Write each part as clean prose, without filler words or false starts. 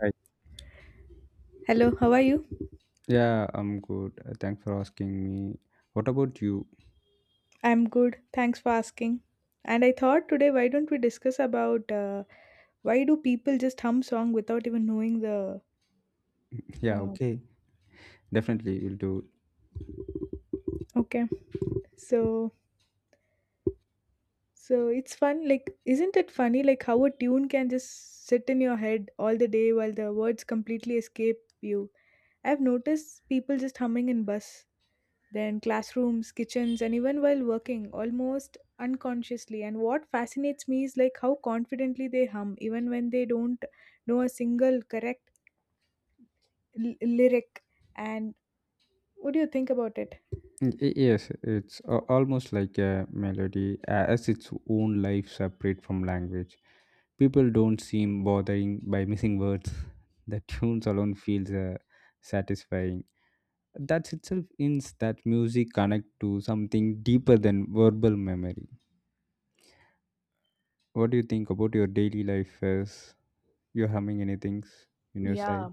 Right. Hello, how are you? Yeah, I'm good. Thanks for asking me. What about you? I'm good. Thanks for asking. And I thought today, why don't we discuss about why do people just hum song without even knowing the? Yeah, Uh, okay. Definitely, we'll do. okay, so So it's fun, like, isn't it funny, like, how a tune can just sit in your head all the day while the words completely escape you? I've noticed people just humming in bus, then classrooms, kitchens, and even while working, almost unconsciously. And what fascinates me is like how confidently they hum, even when they don't know a single correct lyric. And what do you think about it? Yes, it's almost like a melody as its own life separate from language. People don't seem bothering by missing words. The tunes alone feels satisfying. That itself means that music connect to something deeper than verbal memory. What do you think about your daily life as you're humming anything in your side? Yeah,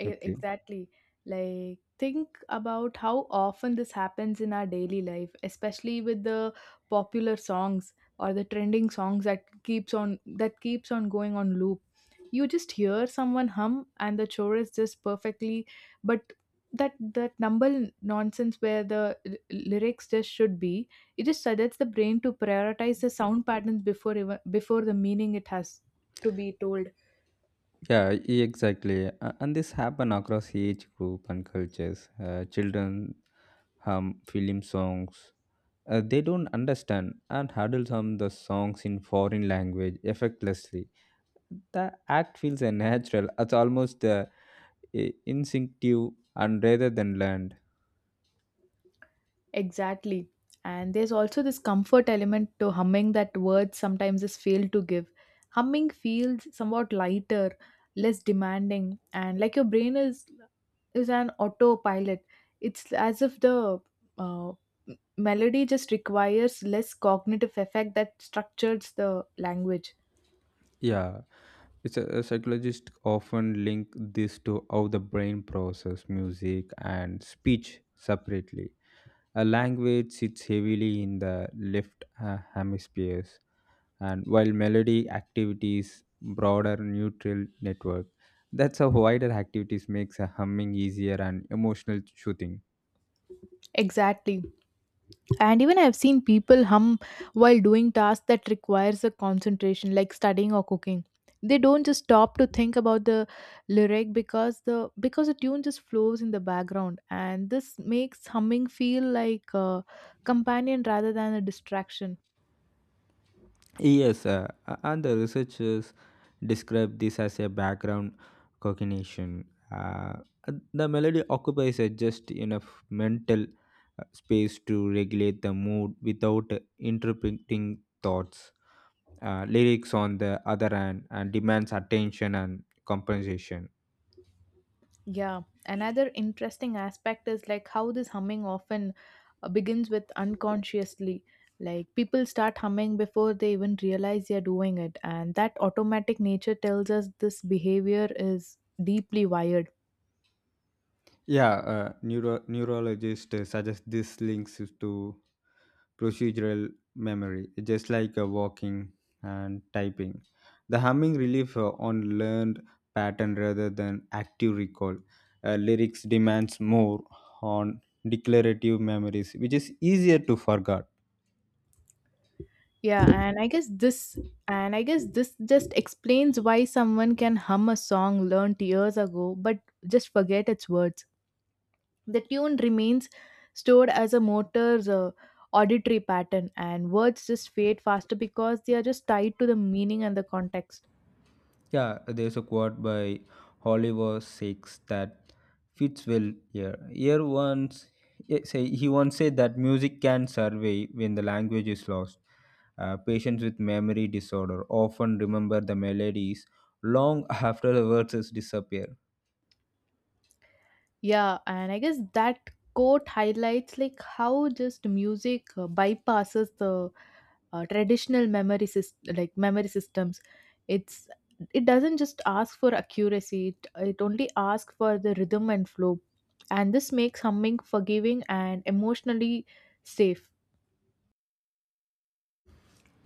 Okay. exactly. Like, think about how often this happens in our daily life, especially with the popular songs or the trending songs that keeps on going on loop. You just hear someone hum and the chorus just perfectly, but that number nonsense where the lyrics just should be, it just suggests the brain to prioritize the sound patterns before even before the meaning it has to be told. Exactly. And this happen across age group and cultures. Children hum film songs. They don't understand and adults hum the songs in foreign language effortlessly. The act feels natural. It's almost instinctive and rather than learned. Exactly. And there's also this comfort element to humming that words sometimes is failed to give. Humming feels somewhat lighter, less demanding, and like your brain is an autopilot. It's as if the uh, m- melody just requires less cognitive effect that structures the language. Yeah, a psychologist often link this to how the brain process music and speech separately. A language sits heavily in the left hemispheres, and while melody activities broader neutral network. That's how wider activities makes a humming easier and emotional shooting. Exactly. And even I've seen people hum while doing tasks that requires a concentration like studying or cooking. They don't just stop to think about the lyric because the tune just flows in the background, and this makes humming feel like a companion rather than a distraction. Yes, and the researchers describe this as a background cognition. Uh, the melody occupies a just enough mental space to regulate the mood without interpreting thoughts lyrics on the other hand and demands attention and compensation. Yeah, another interesting aspect is like how this humming often begins with unconsciously. Like people start humming before they even realize they're doing it, and that automatic nature tells us this behavior is deeply wired. Yeah, neurologists suggest this links is to procedural memory just like walking and typing, the humming relief on learned pattern rather than active recall. Lyrics demands more on declarative memories which is easier to forget. Yeah, and I guess this just explains why someone can hum a song learned years ago but just forget its words. The tune remains stored as a motor's auditory pattern, and words just fade faster because they are just tied to the meaning and the context. Yeah, there's a quote by Oliver Six that fits well here. Say he once said that music can survey when the language is lost. Patients with memory disorder often remember the melodies long after the verses disappear. Yeah, and I guess that quote highlights like how just music bypasses the traditional memory system, like memory systems. It's it doesn't just ask for accuracy; it only asks for the rhythm and flow, and this makes humming forgiving and emotionally safe.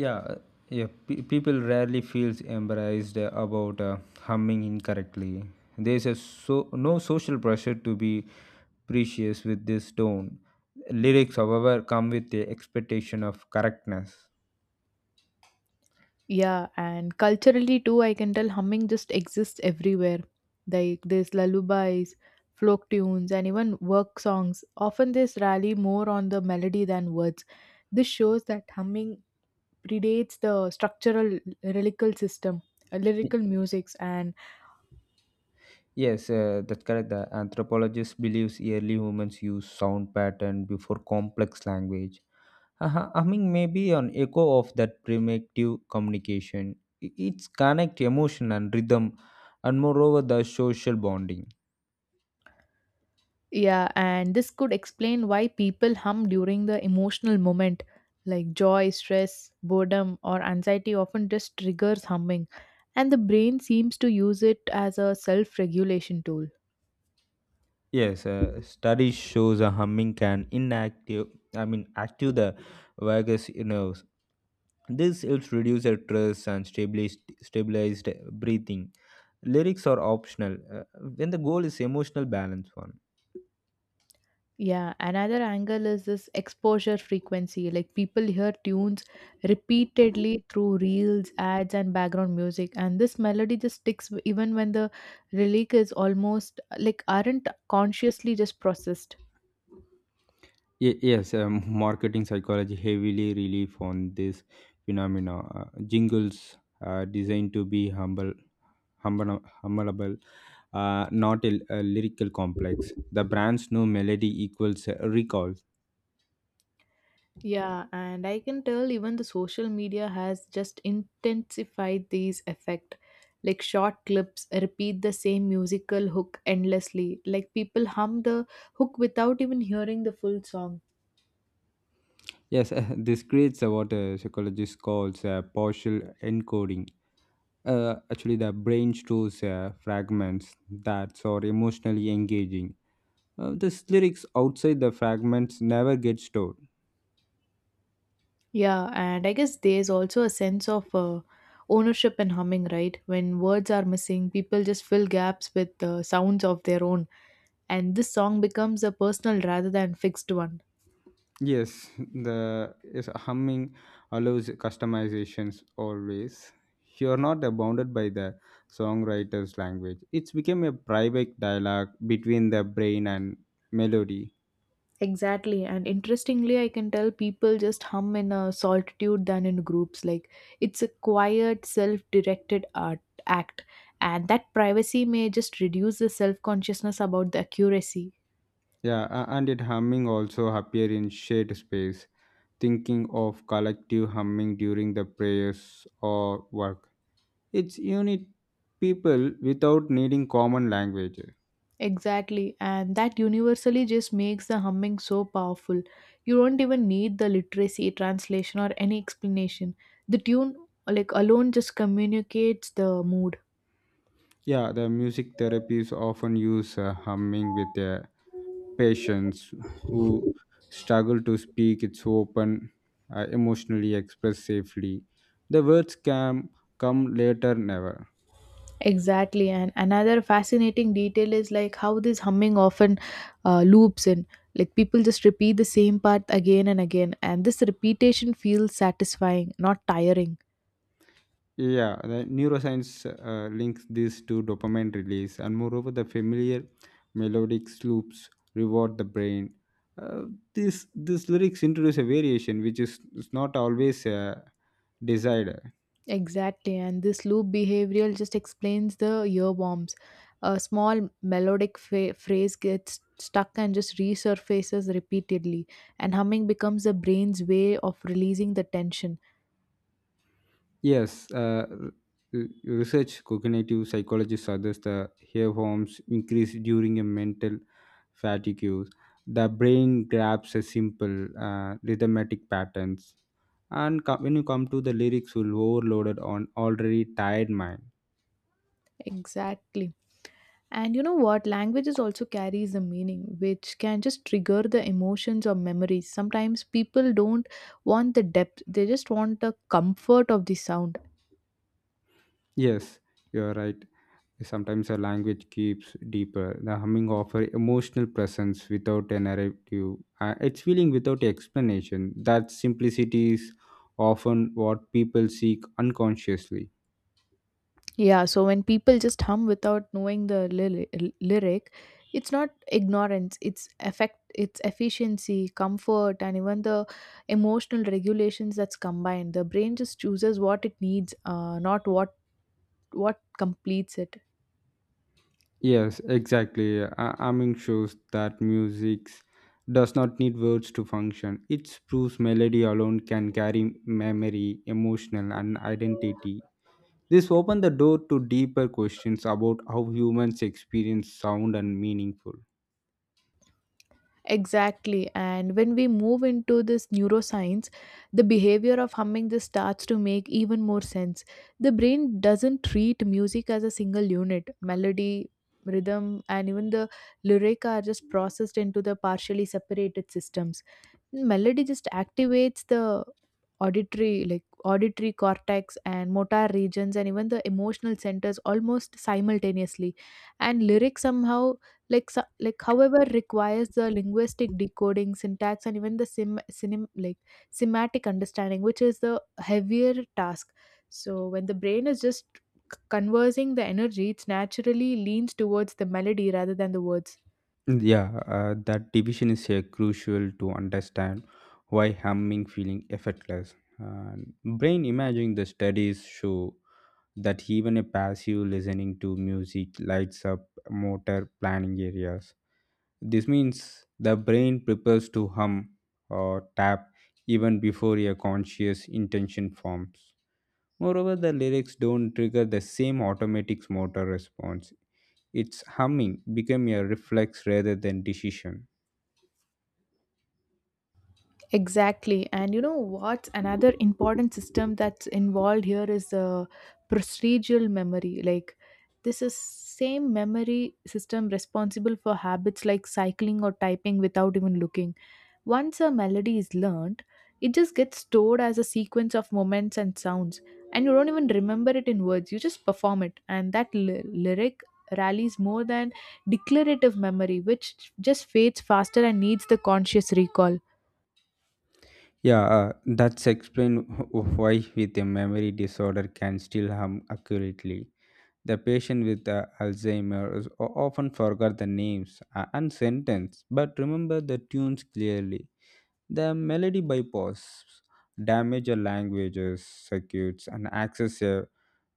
yeah uh, People rarely feels embarrassed about humming incorrectly. There's a so no social pressure to be precious with this tone. Lyrics however come with the expectation of correctness. Yeah, and culturally too, I can tell humming just exists everywhere. Like there's lullabies, folk tunes, and even work songs. Often this rally more on the melody than words. This shows that humming predates the structural lyrical system, Y- lyrical musics, and yes, that's correct, the anthropologist believes early humans use sound pattern before complex language. Uh-huh. I mean, maybe an echo of that primitive communication. It's connect emotion and rhythm, and moreover the social bonding. yeah, and this could explain why people hum during the emotional moment. Like joy, stress, boredom, or anxiety often just triggers humming, and the brain seems to use it as a self regulation tool. Yes, study shows a humming can inactive. I mean, active the vagus nerves. This helps reduce the stress and stabilized breathing. Lyrics are optional when the goal is emotional balance. One. Yeah, another angle is this exposure frequency. Like people hear tunes repeatedly through reels, ads, and background music, and this melody just sticks even when the lyric is almost like aren't consciously just processed. Yes, marketing psychology heavily relief on this phenomena. Jingles are designed to be humbleable, not a lyrical complex. The brand's new melody equals recall. Yeah, and I can tell even the social media has just intensified these effect. Like short clips repeat the same musical hook endlessly. Like people hum the hook without even hearing the full song. Yes, this creates what a psychologist calls partial encoding. Actually, the brain stores fragments that are emotionally engaging. This lyrics outside the fragments never get stored. Yeah, and I guess there's also a sense of ownership in humming, right? When words are missing, people just fill gaps with sounds of their own, and this song becomes a personal rather than fixed one. Yes, the is humming allows customizations always. You're not bounded by the songwriter's language. It's become a private dialogue between the brain and melody. Exactly. And interestingly, I can tell people just hum in a solitude than in groups. Like it's a quiet, self directed art act. And that privacy may just reduce the self consciousness about the accuracy. Yeah, and it humming also appear in shared space, thinking of collective humming during the prayers or work. It's unit people without needing common language. Exactly. And that universally just makes the humming so powerful. You don't even need the literacy, translation, or any explanation. The tune like alone just communicates the mood. Yeah, the music therapies often use humming with a patients who struggle to speak, it's open, emotionally express safely. The words can come later, never. Exactly, and another fascinating detail is like how this humming often loops in. Like people just repeat the same part again and again, and this repetition feels satisfying, not tiring. Yeah, the neuroscience links this to dopamine release, and moreover, the familiar melodic loops reward the brain. Uh, this lyrics introduce a variation which is not always desired. Exactly, and this loop behavioral just explains the earworms. A small melodic phrase gets stuck and just resurfaces repeatedly, and humming becomes the brain's way of releasing the tension. Yes, research cognitive psychologists suggest the hair forms increase during a mental fatigue. The brain grabs a simple rhythmatic patterns, and when you come to the lyrics, will overloaded on already tired mind. Exactly. And you know what? Languages also carries a meaning which can just trigger the emotions or memories. Sometimes people don't want the depth, they just want the comfort of the sound. Yes, you are right. Sometimes a language keeps deeper. The humming offers emotional presence without a narrative. It's feeling without explanation. That simplicity is often what people seek unconsciously. Yeah, so when people just hum without knowing the lyric, it's not ignorance, it's effect, it's efficiency, comfort, and even the emotional regulations that's combined. The brain just chooses what it needs, not what completes it. Yes, exactly. Amming shows that music does not need words to function. It proves melody alone can carry memory, emotional, and identity. This opens the door to deeper questions about how humans experience sound and meaningful. Exactly. And when we move into this neuroscience, the behavior of humming just starts to make even more sense. The brain doesn't treat music as a single unit. Melody, rhythm, and even the lyric are just processed into the partially separated systems. Melody just activates the auditory cortex and motor regions and even the emotional centers almost simultaneously, and lyric somehow however requires the linguistic decoding syntax and even the sim, sim like semantic understanding which is the heavier task. So when the brain is just conversing the energy, it naturally leans towards the melody rather than the words. Yeah, that division is crucial to understand why humming feeling effortless. And brain imaging the studies show that even a passive listening to music lights up motor planning areas. This means the brain prepares to hum or tap even before a conscious intention forms. Moreover, the lyrics don't trigger the same automatic motor response. Its humming became a reflex rather than decision. Exactly. And you know what's another important system that's involved here is procedural memory. Like this is same memory system responsible for habits like cycling or typing without even looking. Once a melody is learned, it just gets stored as a sequence of moments and sounds, and you don't even remember it in words. You just perform it, and that lyric rallies more than declarative memory which just fades faster and needs the conscious recall. Yeah, that's explain why with a memory disorder can still harm accurately. The patient with Alzheimer's often forget the names and sentence, but remember the tunes clearly. The melody bypass damage a languages circuits and access a,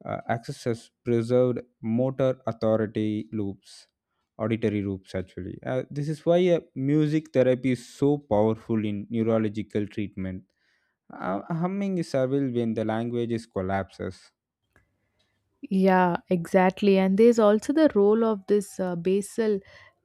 uh, accesses preserved motor authority loops, auditory loops actually. This is why music therapy is so powerful in neurological treatment. Humming is evil when the language is collapses. Yeah, exactly. And there's also the role of this basal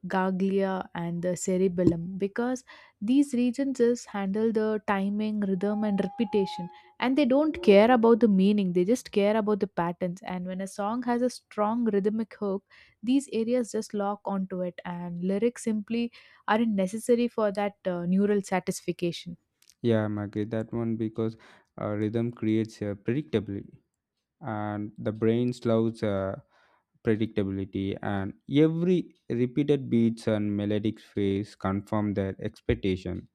ganglia and the cerebellum because these regions just handle the timing, rhythm, and repetition. And they don't care about the meaning, they just care about the patterns. And when a song has a strong rhythmic hook, these areas just lock onto it, and lyrics simply aren't necessary for that neural satisfaction. Yeah, I'm agree that one because rhythm creates predictability, and the brain loves predictability, and every repeated beats and melodic phrase confirm their expectation.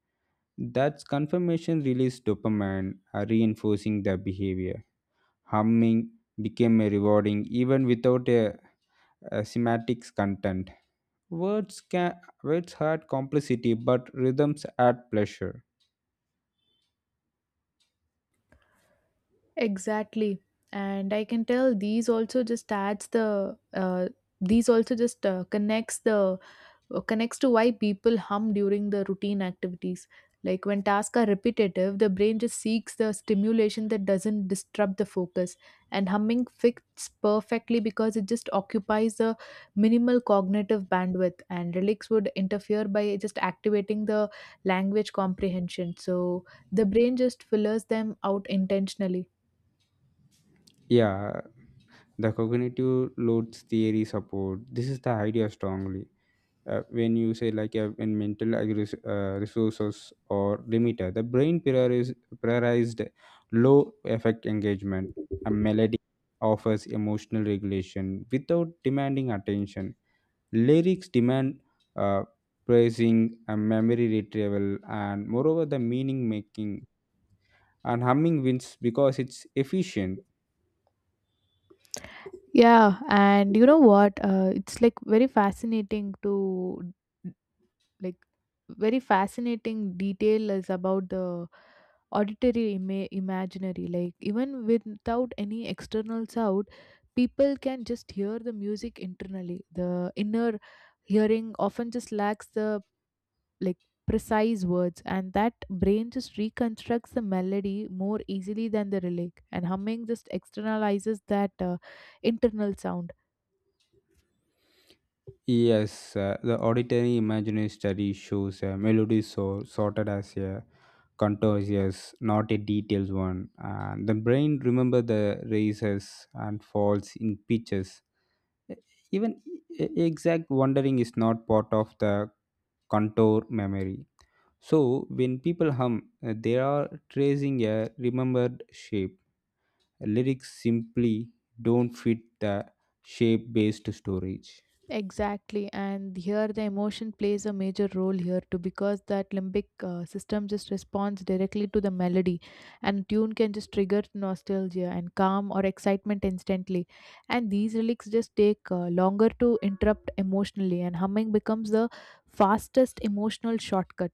That's confirmation release dopamine, reinforcing the behavior. Humming became a rewarding even without a semantics content. Words can words had complexity, but rhythms add pleasure. Exactly. And I can tell these also just adds the these also just connects the connects to why people hum during the routine activities. Like when tasks are repetitive, the brain just seeks the stimulation that doesn't disrupt the focus. And humming fits perfectly because it just occupies the minimal cognitive bandwidth, and relics would interfere by just activating the language comprehension. So the brain just fillers them out intentionally. Yeah, the cognitive load theory support. This is the idea strongly. When you say like in mental resources or limiter, the brain prioritized low effect engagement. A melody offers emotional regulation without demanding attention. Lyrics demand uh, praising, a memory retrieval, and moreover the meaning making, and humming wins because it's efficient. Yeah, and you know what? It's like like very fascinating detail is about the imaginary. Like even without any external sound, people can just hear the music internally. The inner hearing often just lacks the like precise words, and that brain just reconstructs the melody more easily than the relic. And humming just externalizes that internal sound. Yes, the auditory imaginary study shows a melody so sorted as a contours, yes, not a detailed one. And the brain remember the raises and falls in pitches. E- Even exact wandering is not part of the contour memory. So when people hum, they are tracing a remembered shape. Lyrics simply don't fit the shape based storage. Exactly, and here the emotion plays a major role here too because that limbic system just responds directly to the melody, and tune can just trigger nostalgia and calm or excitement instantly. And these lyrics just take longer to interrupt emotionally, and humming becomes the fastest emotional shortcut.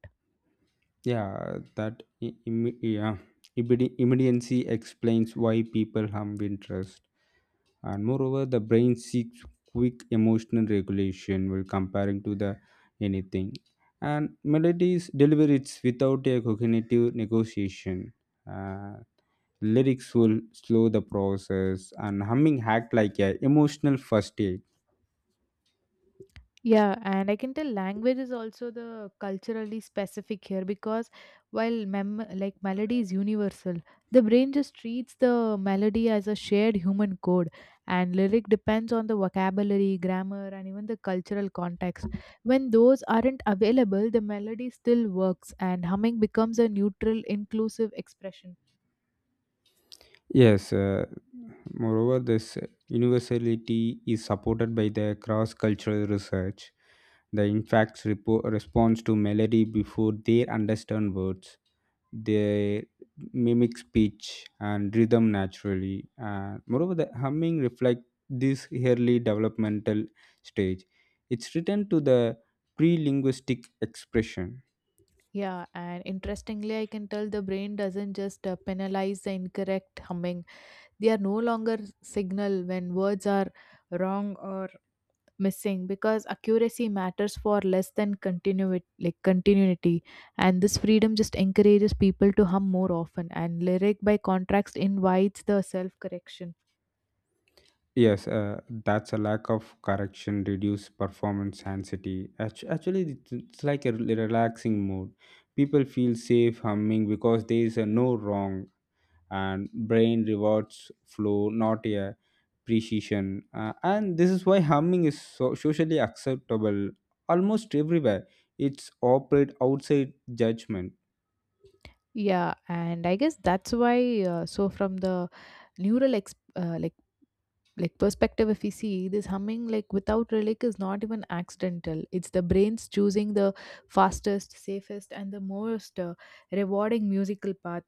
Yeah that I- im- yeah Immedi- immediacy explains why people hum in trust, and moreover the brain seeks quick emotional regulation while comparing to the anything, and melodies deliver it without a cognitive negotiation. Uh, Lyrics will slow the process and humming act like a emotional first aid. Yeah, and I can tell language is also the culturally specific here because while mem like melody is universal, the brain just treats the melody as a shared human code, and lyric depends on the vocabulary, grammar, and even the cultural context. When those aren't available, the melody still works, and humming becomes a neutral, inclusive expression. Yes, moreover, this universality is supported by the cross cultural research. The infants responds to melody before they understand words. They mimic speech and rhythm naturally. And moreover, the humming reflects this early developmental stage. It's written to the pre linguistic expression. Yeah, and interestingly, I can tell the brain doesn't just penalize the incorrect humming. They are no longer signal when words are wrong or missing because accuracy matters for less than continuity and this freedom just encourages people to hum more often, and lyric by contrast invites the self correction. Yes, that's a lack of correction, reduce performance anxiety. Actually, it's like a relaxing mood. People feel safe humming because there is a no wrong, and brain rewards flow, not a precision. And this is why humming is so socially acceptable almost everywhere. It's operate outside judgment. Yeah, and I guess that's why so from the neural perspective, if we see this humming like without relic is not even accidental, it's the brain's choosing the fastest, safest and the most rewarding musical path,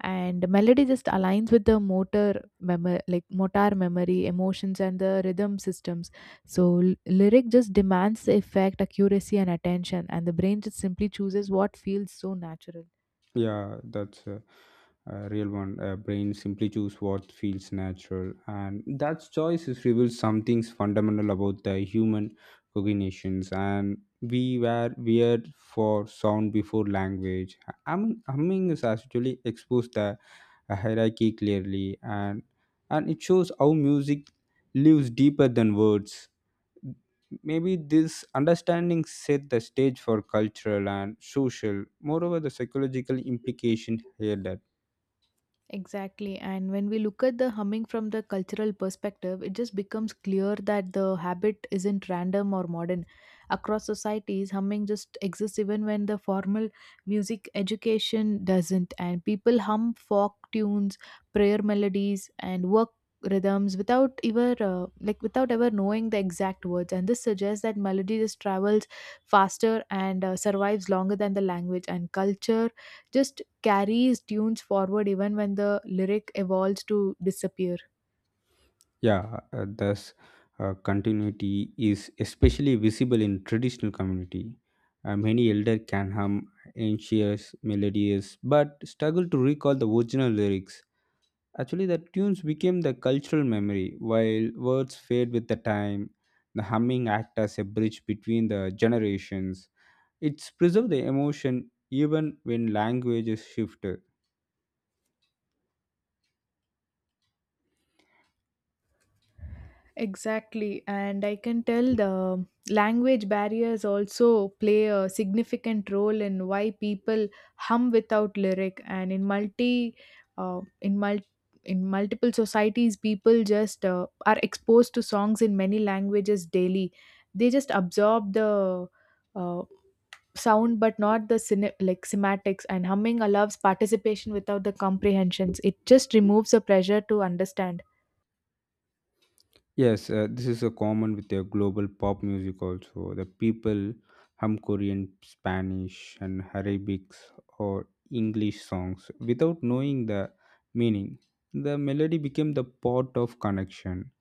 and melody just aligns with the motor memory emotions and the rhythm systems. So lyric just demands effect accuracy and attention, and the brain just simply chooses what feels so natural. Yeah, that's a real one. Brain simply choose what feels natural, and that choice is reveals something fundamental about the human cognitions. And we were weird for sound before language. Humming is actually exposed the hierarchy clearly, and it shows how music lives deeper than words. Maybe this understanding set the stage for cultural and social, moreover, the psychological implication here that, Exactly. And when we look at the humming from the cultural perspective, it just becomes clear that the habit isn't random or modern. Across societies, humming just exists even when the formal music education doesn't. And people hum folk tunes, prayer melodies, and work rhythms without ever knowing the exact words, and this suggests that melody just travels faster and survives longer than the language, and culture just carries tunes forward even when the lyric evolves to disappear. yeah, thus continuity is especially visible in traditional community. Many elder can hum anxious melodies but struggle to recall the original lyrics. Actually, the tunes became the cultural memory, while words fade with the time. The humming act as a bridge between the generations. It's preserve the emotion even when language is shifted. Exactly, and I can tell the language barriers also play a significant role in why people hum without lyric. And in multi, in multi, In multiple societies, people just are exposed to songs in many languages daily. They just absorb the uh, sound but not the like semantics, and humming allows participation without the comprehensions. It just removes the pressure to understand. Yes, this is a common with their global pop music also. The people hum Korean, Spanish, and Arabic or English songs without knowing the meaning. The melody became the part of connection,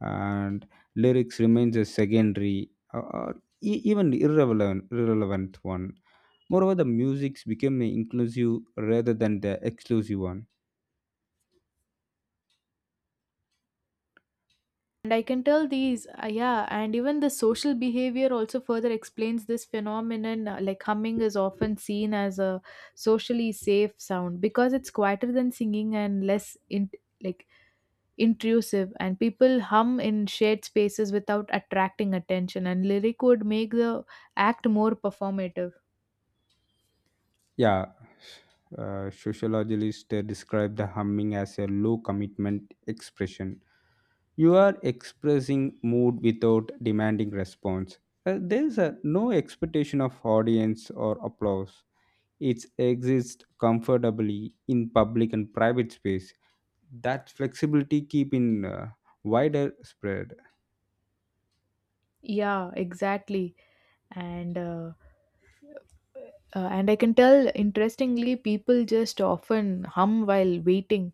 and lyrics remains a secondary or even irrelevant one. Moreover, the musics became an inclusive rather than the exclusive one. And I can tell these yeah, and even the social behavior also further explains this phenomenon. Like, humming is often seen as a socially safe sound because it's quieter than singing and less in like intrusive, and people hum in shared spaces without attracting attention, and lyric would make the act more performative. Yeah, sociologists describe the humming as a low commitment expression. You are expressing mood without demanding response. There's no expectation of audience or applause. It exists comfortably in public and private space. That flexibility keep in wider spread. Yeah, exactly. And and I can tell interestingly people just often hum while waiting,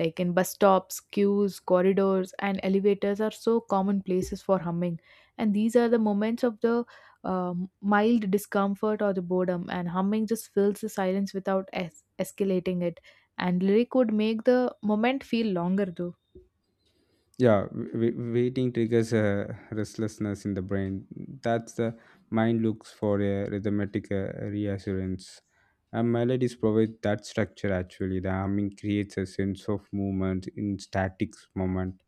like in bus stops, queues, corridors, and elevators are so common places for humming. And these are the moments of the mild discomfort or the boredom, and humming just fills the silence without escalating it, and lyric would make the moment feel longer though. Yeah, waiting triggers a restlessness in the brain. That's the mind looks for a rhythmic reassurance. And melodies provide that structure actually. The humming creates a sense of movement in static moment.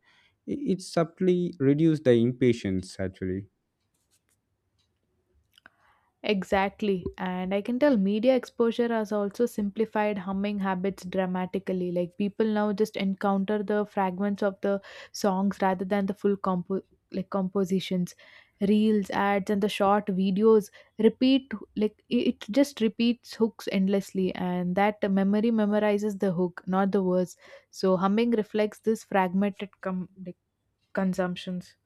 It subtly reduces the impatience actually. Exactly. And I can tell media exposure has also simplified humming habits dramatically. Like, people now just encounter the fragments of the songs rather than the full compositions. Reels, ads, and the short videos repeat, it just repeats hooks endlessly, and that memory memorizes the hook, not the words. So humming reflects this fragmented consumptions.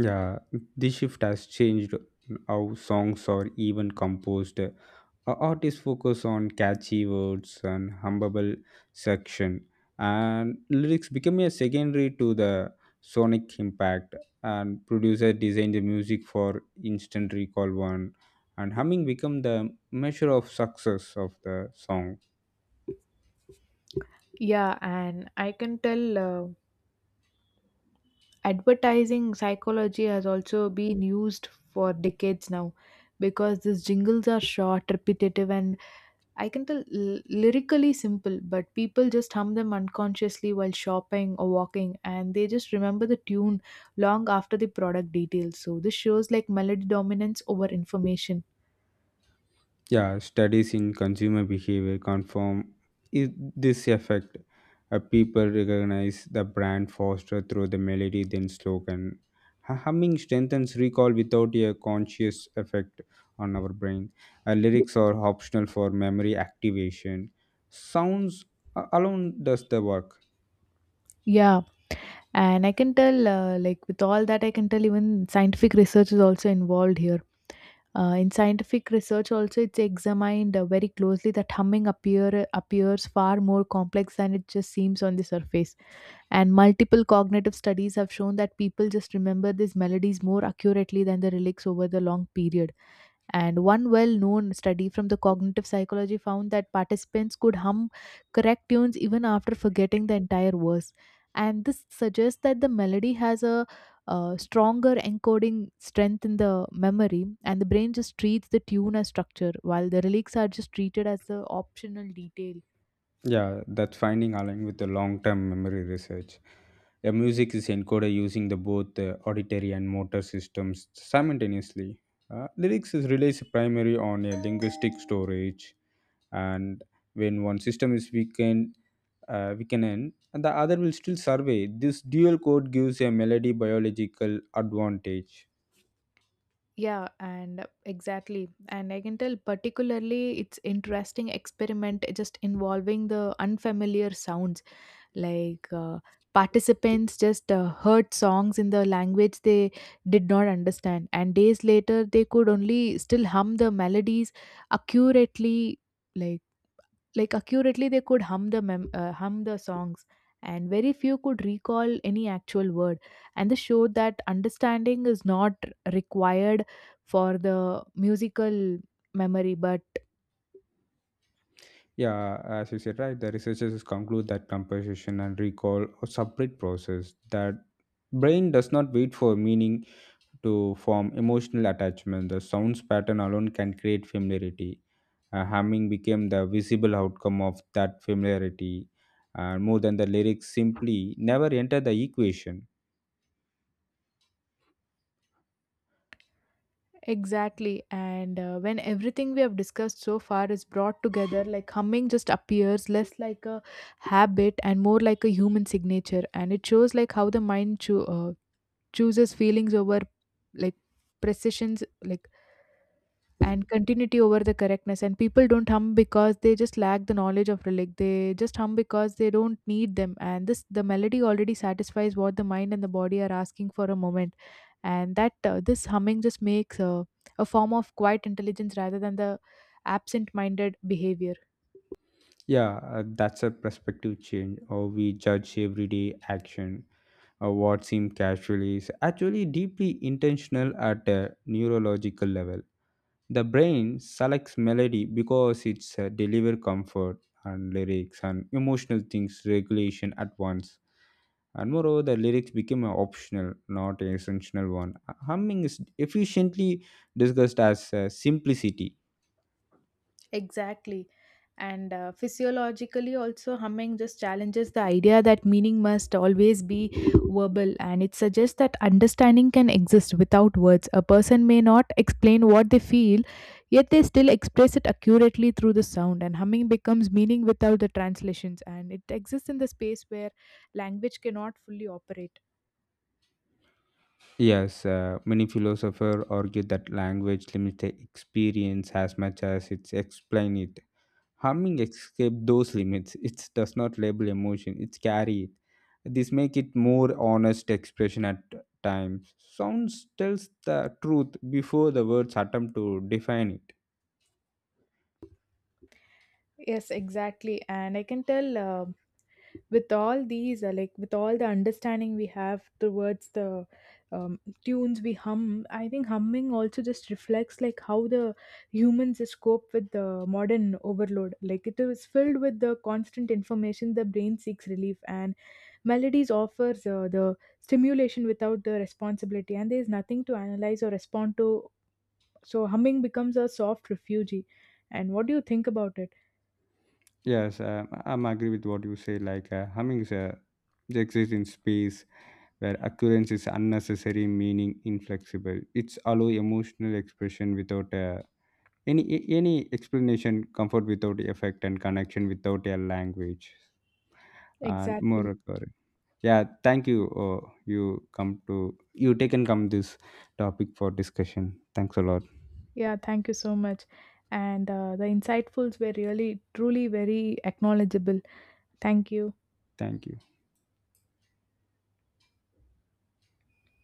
Yeah, this shift has changed how songs are even composed. Artists focus on catchy words and hummable section, and lyrics become a secondary to the sonic impact. And producer design the music for instant recall one, and humming become the measure of success of the song. Yeah, and I can tell. Advertising psychology has also been used for decades now because these jingles are short, repetitive, and I can tell lyrically simple, but people just hum them unconsciously while shopping or walking, and they just remember the tune long after the product details. So this shows like melody dominance over information. Yeah, studies in consumer behavior confirm i- this effect. People recognize the brand faster through the melody than slogan. Humming strengthens recall without a conscious effect on our brain. Lyrics are optional for memory activation. Sounds alone does the work. Yeah, and I can tell like with all that, I can tell even scientific research is also involved here. In scientific research, also it's examined very closely that humming appears far more complex than it just seems on the surface. And multiple cognitive studies have shown that people just remember these melodies more accurately than the lyrics over the long period. And one well known study from the cognitive psychology found that participants could hum correct tunes even after forgetting the entire verse. And this suggests that the melody has a stronger encoding strength in the memory, and the brain just treats the tune as structure, while the lyrics are just treated as the optional detail. Yeah, that finding aligned with the long-term memory research. A music is encoded using the both auditory and motor systems simultaneously. Lyrics is relies primarily on a linguistic storage, and when one system is weakened, and the other will still survey. This dual code gives a melody biological advantage. Yeah, and exactly. And I can tell particularly it's interesting experiment just involving the unfamiliar sounds. Like uh, Participants just heard songs in the language they did not understand, and days later they could only still hum the melodies accurately. Like like accurately, they could hum the songs, and very few could recall any actual word. And this showed that understanding is not required for the musical memory, but Yeah, as you said, right, the researchers conclude that composition and recall are separate process that brain does not wait for meaning to form emotional attachment. The sounds pattern alone can create familiarity. Humming became the visible outcome of that familiarity, more than the lyrics simply never enter the equation. exactly. And when everything we have discussed so far is brought together, like humming just appears less like a habit and more like a human signature. And it shows like how the mind chooses feelings over like precisions, like, and continuity over the correctness. And people don't hum because they just lack the knowledge of relic, they just hum because they don't need them, and this the melody already satisfies what the mind and the body are asking for a moment. And that uh, this humming just makes a form of quiet intelligence rather than the absent minded behavior. Yeah, that's a perspective change. How we judge everyday action, or what seems casual is actually deeply intentional at a neurological level. The brain selects melody because it's deliver comfort and lyrics and emotional things regulation at once. And moreover, the lyrics became an optional, not an essential one. Humming is efficiently discussed as simplicity. Exactly. And physiologically, also, humming just challenges the idea that meaning must always be verbal. And it suggests that understanding can exist without words. A person may not explain what they feel, yet they still express it accurately through the sound. And humming becomes meaning without the translations. And it exists in the space where language cannot fully operate. Yes, many philosophers argue that language limits the experience as much as it explains it. Harming escape those limits. It does not label emotion, it carry it. This make it more honest expression at times. Sounds tells the truth before the words attempt to define it. Yes, exactly. And I can tell. With all these like with all the understanding we have towards the tunes we hum, I think humming also just reflects like how the humans just cope with the modern overload. Like, it is filled with the constant information, the brain seeks relief, and melodies offers the stimulation without the responsibility, and there is nothing to analyze or respond to. So humming becomes a soft refugee. And what do you think about it? Yes, I'm agree with what you say. Like humming is a they exist in space where occurrence is unnecessary, meaning inflexible. It's allow emotional expression without any explanation, comfort without effect, and connection without a language. And more Exactly. Yeah, thank you. You come to you taken come this topic for discussion. Thanks a lot. Yeah, thank you so much. And the insightfuls were really, truly very acknowledgeable. Thank you. Thank you.